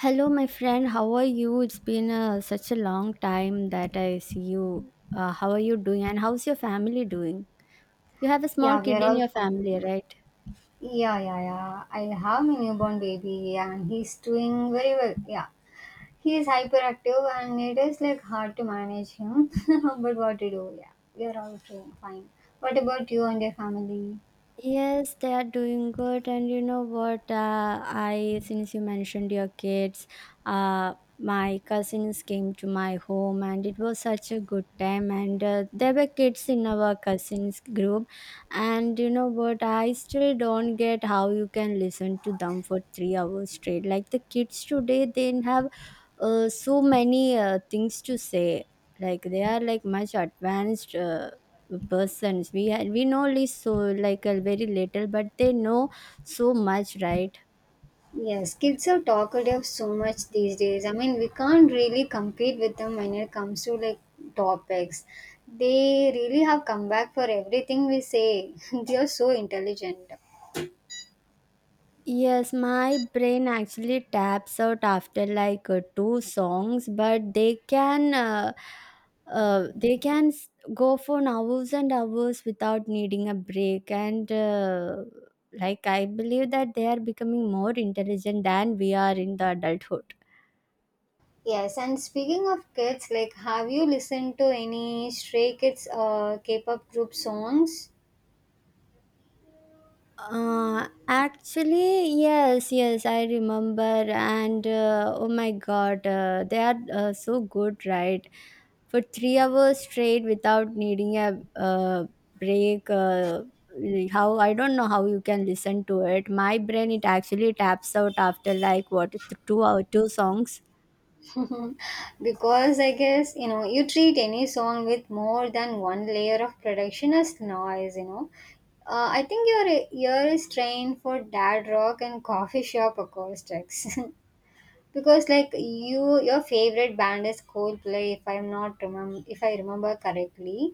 Hello, my friend. How are you? It's been such a long time that I see you. How are you doing? And how's your family doing? You have a small Yeah, we kid are in all your family, fine. right? Yeah, yeah, yeah. I have my newborn baby and he's doing very well. Yeah. He is hyperactive and it is like hard to manage him. But what to do? Yeah. We are all doing fine. What about you and your family? Yes, they are doing good, and you know what? I Since you mentioned your kids, my cousins came to my home, and it was such a good time. And there were kids in our cousins group, and you know what? I still don't get how you can listen to them for 3 hours straight. Like the kids today, they have so many things to say, like they are like much advanced persons we know only, so like a very little, but they know so much, right? Yes, kids are talkative so much these days. I mean, we can't really compete with them when it comes to like topics. They really have come back for everything we say. They are so intelligent. Yes, my brain actually taps out after like two songs, but they can uh, they can s- go for hours and hours without needing a break. And like, I believe that they are becoming more intelligent than we are in the adulthood. Yes, and speaking of kids, like, have you listened to any Stray Kids K-pop group songs? Actually, yes, yes, I remember. And oh my god, they are so good, right? For 3 hours straight without needing a break. How, I don't know how you can listen to it. My brain, it actually taps out after like 2 hour, two songs. Because I guess you know you treat any song with more than one layer of production as noise. You know, I think your ear is trained for dad rock and coffee shop acoustics. Because like your favorite band is coldplay if I remember correctly.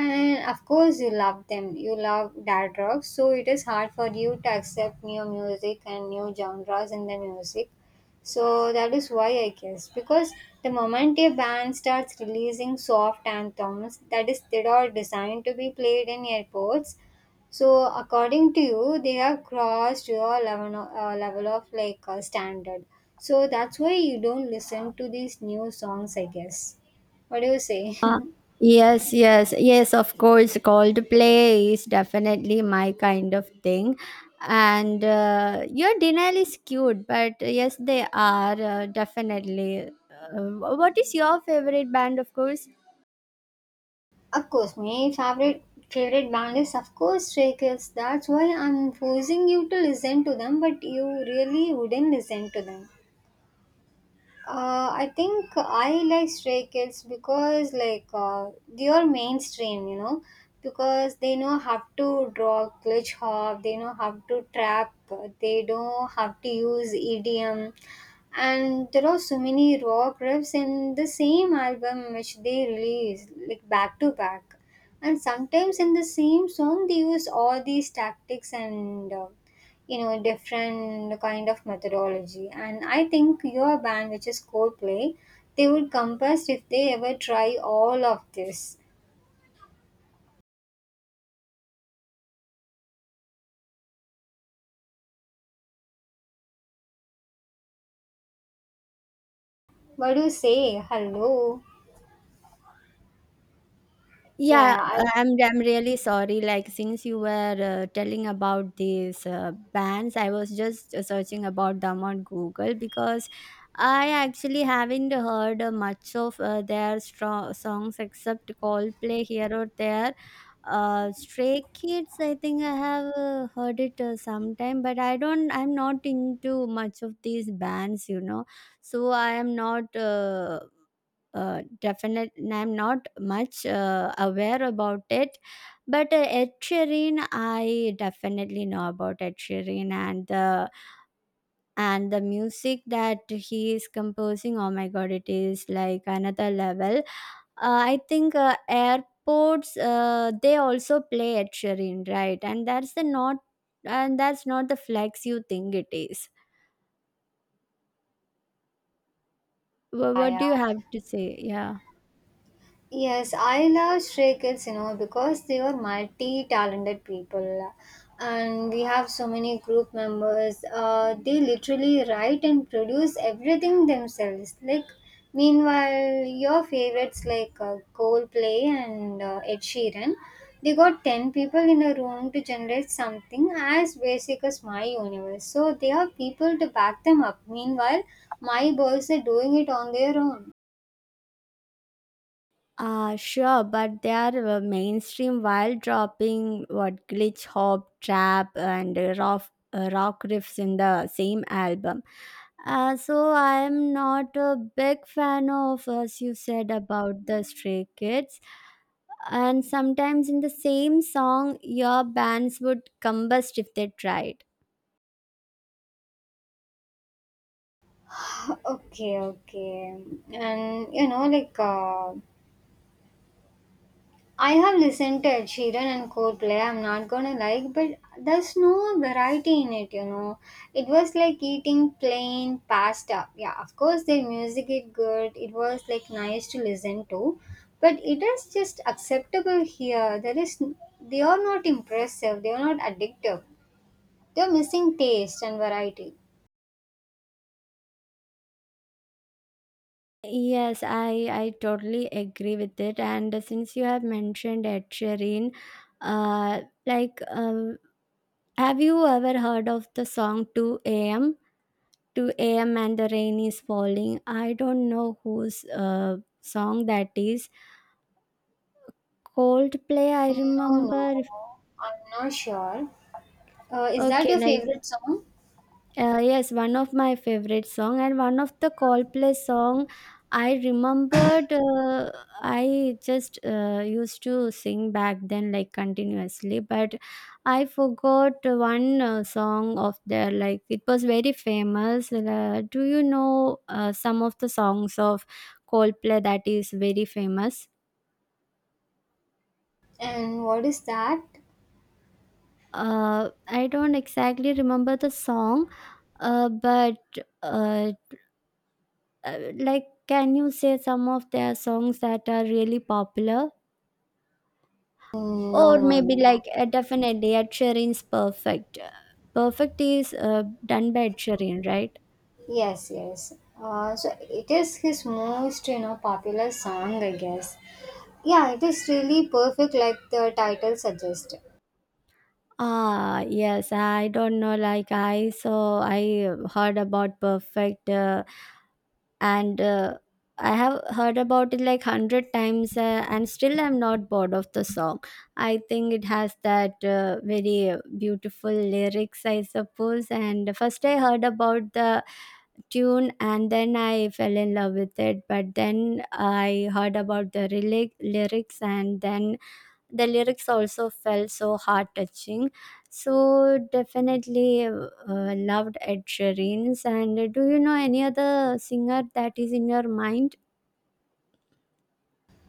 And of course you love them, you love dad rock, so it is hard for you to accept new music and new genres in the music. So that is why I guess, because the moment a band starts releasing soft anthems that is they are designed to be played in airports. So, according to you, they have crossed your level of standard. So that's why you don't listen to these new songs, I guess. What do you say? Uh, yes, yes, yes, of course. Coldplay is definitely my kind of thing. And your denial is cute, but yes, they are definitely. Uh, what is your favorite band, of course? Of course, my favorite band is of course Stray Kids. That's why I'm forcing you to listen to them, but you really wouldn't listen to them. I think I like Stray Kids because they are mainstream, you know, because they know how to draw glitch hop, they know how to trap, they know how to use EDM, and there are so many rock riffs in the same album which they release like back to back, and sometimes in the same song they use all these tactics and. You know, different kind of methodology. And I think your band, which is coldplay, they would compass if they ever try all of this. What do you say? Hello? yeah Yeah, yeah, i I'm really sorry. Like, since you were telling about these bands, I was just searching about them on Google, because I actually haven't heard much of their strong songs except Coldplay here or there. Stray Kids, I think I have heard it sometime, but I don't. I'm not into much of these bands, you know. So I am not. Definite, I'm not much aware about it. But Ed Sheeran, I definitely know about Ed Sheeran and the music that he is composing. Oh my god, it is like another level. I think airports they also play Ed Sheeran, right? And that's not the flex you think it is. Yeah What do yeah you have to say? Yeah. Yes, I love Stray Kids, you know, because they were multi-talented people, and we have so many group members. They literally write and produce everything themselves. Like, meanwhile, your favorites like Coldplay and Ed Sheeran, they got ten people in a room to generate something as basic as my universe. So they have people to back them up. Meanwhile, my boys are doing it on their own. Sure, but they are mainstream while dropping what glitch hop, trap, and rock riffs in the same album. So I am not a big fan of, as you said, about the Stray Kids. And sometimes in the same song, your bands would combust if they tried. Okay, okay. And you know, I have listened to Ed Sheeran and Coldplay. I'm not gonna like, but there's no variety in it. You know, it was like eating plain pasta. Yeah, of course their music is good. It was like nice to listen to, but it is just acceptable here. There is they are not impressive. They are not addictive. They're missing taste and variety. Yes, I totally agree with it. And since you have mentioned Ed Sheeran, uh, like uh, have you ever heard of the song 2 a.m.? 2 a.m. and the rain is falling. I don't know whose song that is. Coldplay, I No, remember. no, I'm not sure. Is that Okay, your like, favorite song? Yes, one of my favorite song and one of the Coldplay song. I remembered, I just used to sing back then like continuously, but I forgot one song of their, like it was very famous. Do you know some of the songs of Coldplay that is very famous? And what is that? I don't exactly remember the song, but uh, like, can you say some of their songs that are really popular, Mm, no, or no, maybe no. like definitely Ed Sheeran's Perfect? Perfect is done by Ed Sheeran, right? Yes, yes. So it is his most, you know, popular song, I guess. Yeah, it is really perfect, like the title suggests. Ah yes, I don't know, like, I so I heard about Perfect, and I have heard about it like 100 times, and still I'm not bored of the song. I think it has that very beautiful lyrics, I suppose. And first I heard about the tune and then I fell in love with it, but then I heard about the lyrics, and then the lyrics also felt so heart touching. So definitely loved Ed Sheeran's. And do you know any other singer that is in your mind?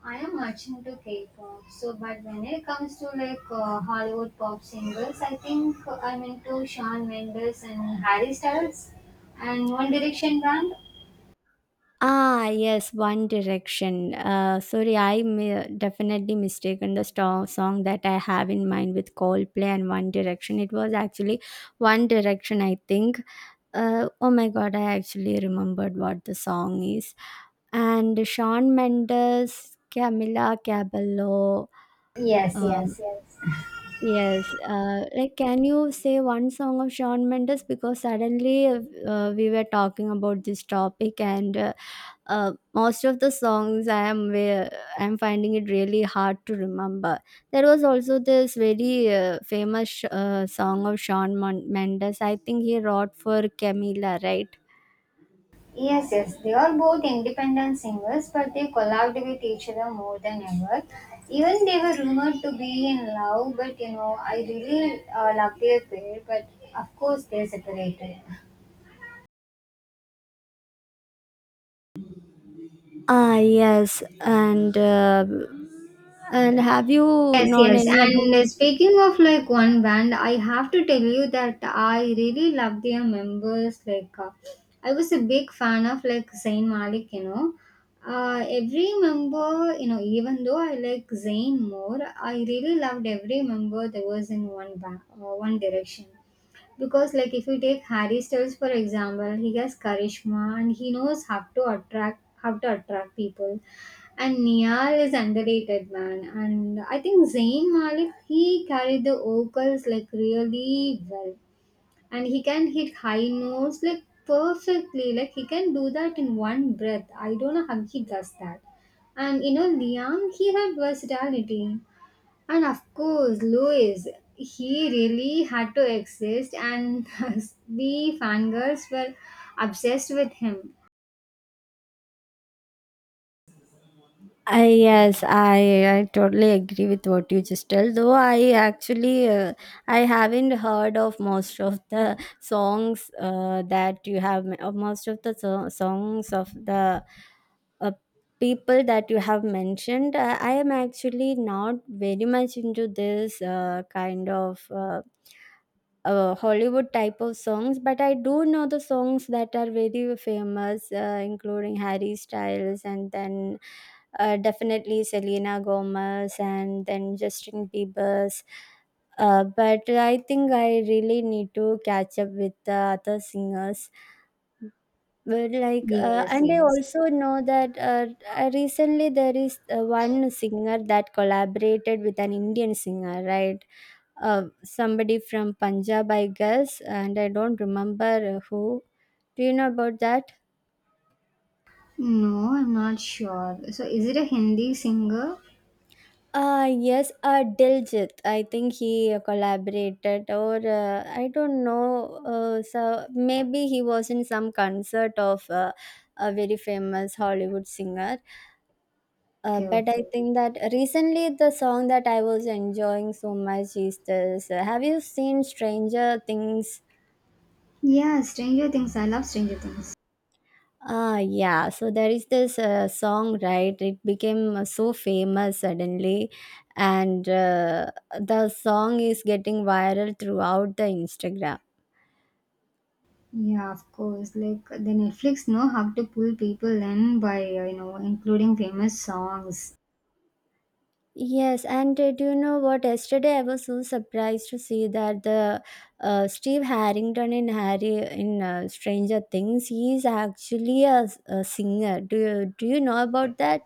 I am much into K-pop, so but when it comes to like Hollywood pop singers, I think I'm into Shawn Mendes and Harry Styles and One Direction band. Ah, yes, One Direction. Sorry, definitely mistaken the song that I have in mind with Coldplay and One Direction. It was actually One Direction, I think. Oh my god, I actually remembered what the song is. And Sean Mendes, Camila Cabello, Yes, uh, yes, yes. yes, like, can you say one song of Shawn Mendes, because suddenly we were talking about this topic, and most of the songs I am I'm finding it really hard to remember. There was also this very famous song of Mendes. I think he wrote for Camila, right? Yes, yes, they are both independent singers, but they collabed with each other more than ever. Even they were rumored to be in love, but you know, I really love their pair, but of course they separated. Ah, yes, and have you Yes, known yes. any other? And speaking of like one band, I have to tell you that I really love their members. Like, I was a big fan of like Zayn Malik, you know. Every member, you know, even though I like Zayn more, I really loved every member that was in one band, One Direction. Because like if you take Harry Styles for example, he has charisma and he knows how to attract people. And Niall is underrated man. And I think Zayn Malik he carried the vocals like really well. And he can hit high notes like perfectly. Like he can do that in one breath. I don't know how he does that. And you know Liam he had versatility. And of course, Louis, he really had to exist, and we fangirls were obsessed with him. I Yes, I totally agree with what you just tell. Though I actually I haven't heard of most of the songs that you have most of the songs of the uh, people that you have mentioned. I am actually not very much into this kind of. Hollywood type of songs, but I do know the songs that are very famous, including Harry Styles and then definitely Selena Gomez and then Justin Bieber's. But I think I really need to catch up with the other singers. But like, Yes, and I yes. also know that recently there is one singer that collaborated with an Indian singer, right? Somebody from Punjab, I guess, and I don't remember who. Do you know about that? No, I'm not sure. So, is it a Hindi singer? Yes, Diljit. I think he collaborated, or I don't know. So maybe he was in some concert of a very famous Hollywood singer. Okay, But I okay. think that recently the song that I was enjoying so much is this. Have you seen Stranger Things? Yeah, Stranger Things. I love Stranger Things. Ah, yeah. So there is this song, right? It became so famous suddenly, and the song is getting viral throughout the Instagram. Yeah, of course. Like the Netflix know how to pull people in by you know including famous songs. Yes, and do you know what? Yesterday, I was so surprised to see that the Steve Harrington in Harry in Stranger Things, he is actually a singer. Do you know about that?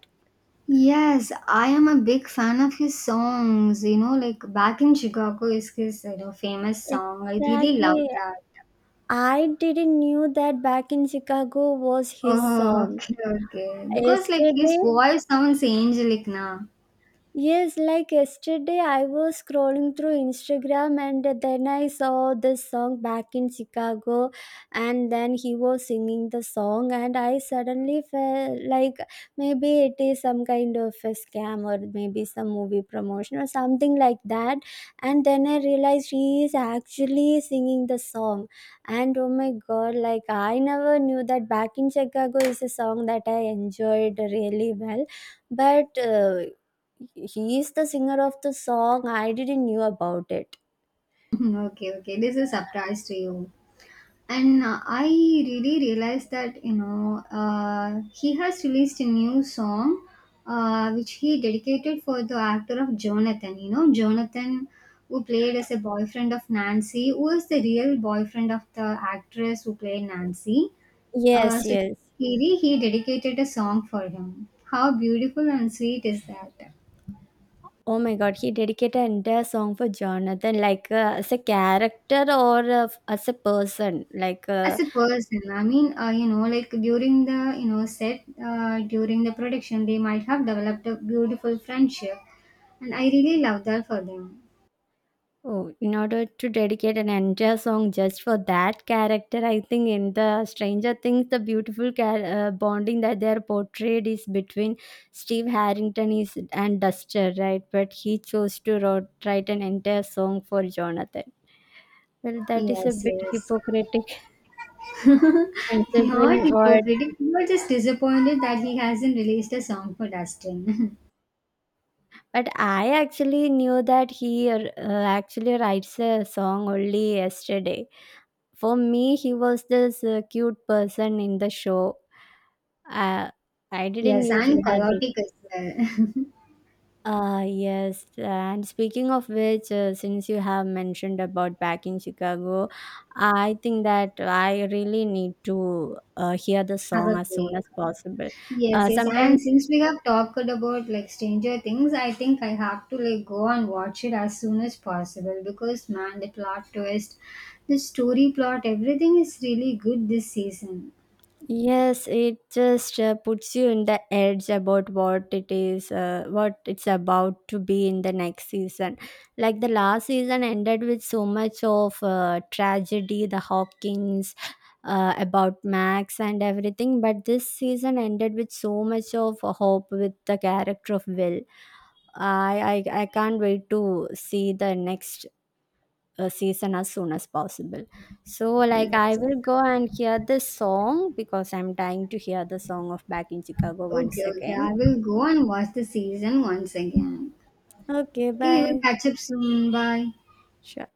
Yes, I am a big fan of his songs. You know, like back in Chicago is his you know famous song. I really love Exactly. that. I didn't knew that Back in Chicago was his Oh, song. okay, okay. Because like his Yesterday, voice sounds angelic now. yes, like yesterday, I was scrolling through Instagram and then I saw this song Back in Chicago, and then he was singing the song, and I suddenly felt like maybe it is some kind of a scam or maybe some movie promotion or something like that. And then I realized he is actually singing the song, and oh my god, like I never knew that Back in Chicago is a song that I enjoyed really well, but he is the singer of the song. I didn't knew about it. Okay, okay. This is a surprise to you. And I really realized that, you know, he has released a new song which he dedicated for the actor of Jonathan. You know, Jonathan, who played as a boyfriend of Nancy, who is the real boyfriend of the actress who played Nancy. Yes, So, yes. He dedicated a song for him. How beautiful and sweet is that? Oh my God, he dedicated an entire song for Jonathan, like as a character or as a person, like As a person, I mean, you know, like during the, you know, set, during the production, they might have developed a beautiful friendship. And I really love that for them. oh, in order to dedicate an entire song just for that character, I think in the Stranger Things, the beautiful bonding that they are portrayed is between Steve Harrington is and Duster, right? But he chose to write an entire song for Jonathan. Well, that is a Yes, bit yes. hypocritic Not considering what. hypocritical. We were just disappointed that he hasn't released a song for Dustin. But I actually knew that he actually writes a song only yesterday. For me, he was this cute person in the show. Uh, I didn't Yes, knew he and had this. chaotic as well. Ah yes, and speaking of which, since you have mentioned about Back in Chicago, I think that I really need to hear the Have song a as soon break. as possible. Yes, Uh, yes. And sometimes, since we have talked about like Stranger Things, I think I have to like go and watch it as soon as possible because man, the plot twist, the story plot, everything is really good this season. yes, it just puts you in the edge about what it is, what it's about to be in the next season. Like the last season ended with so much of tragedy, the Hawkins, about Max and everything. But this season ended with so much of hope with the character of Will. I can't wait to see the next season as soon as possible. So like I Yes. will go and hear this song because I'm dying to hear the song of Back in Chicago Okay, once okay. again. I will go and watch the season once again. Okay, Okay, we will bye. catch up soon. Bye. Sure.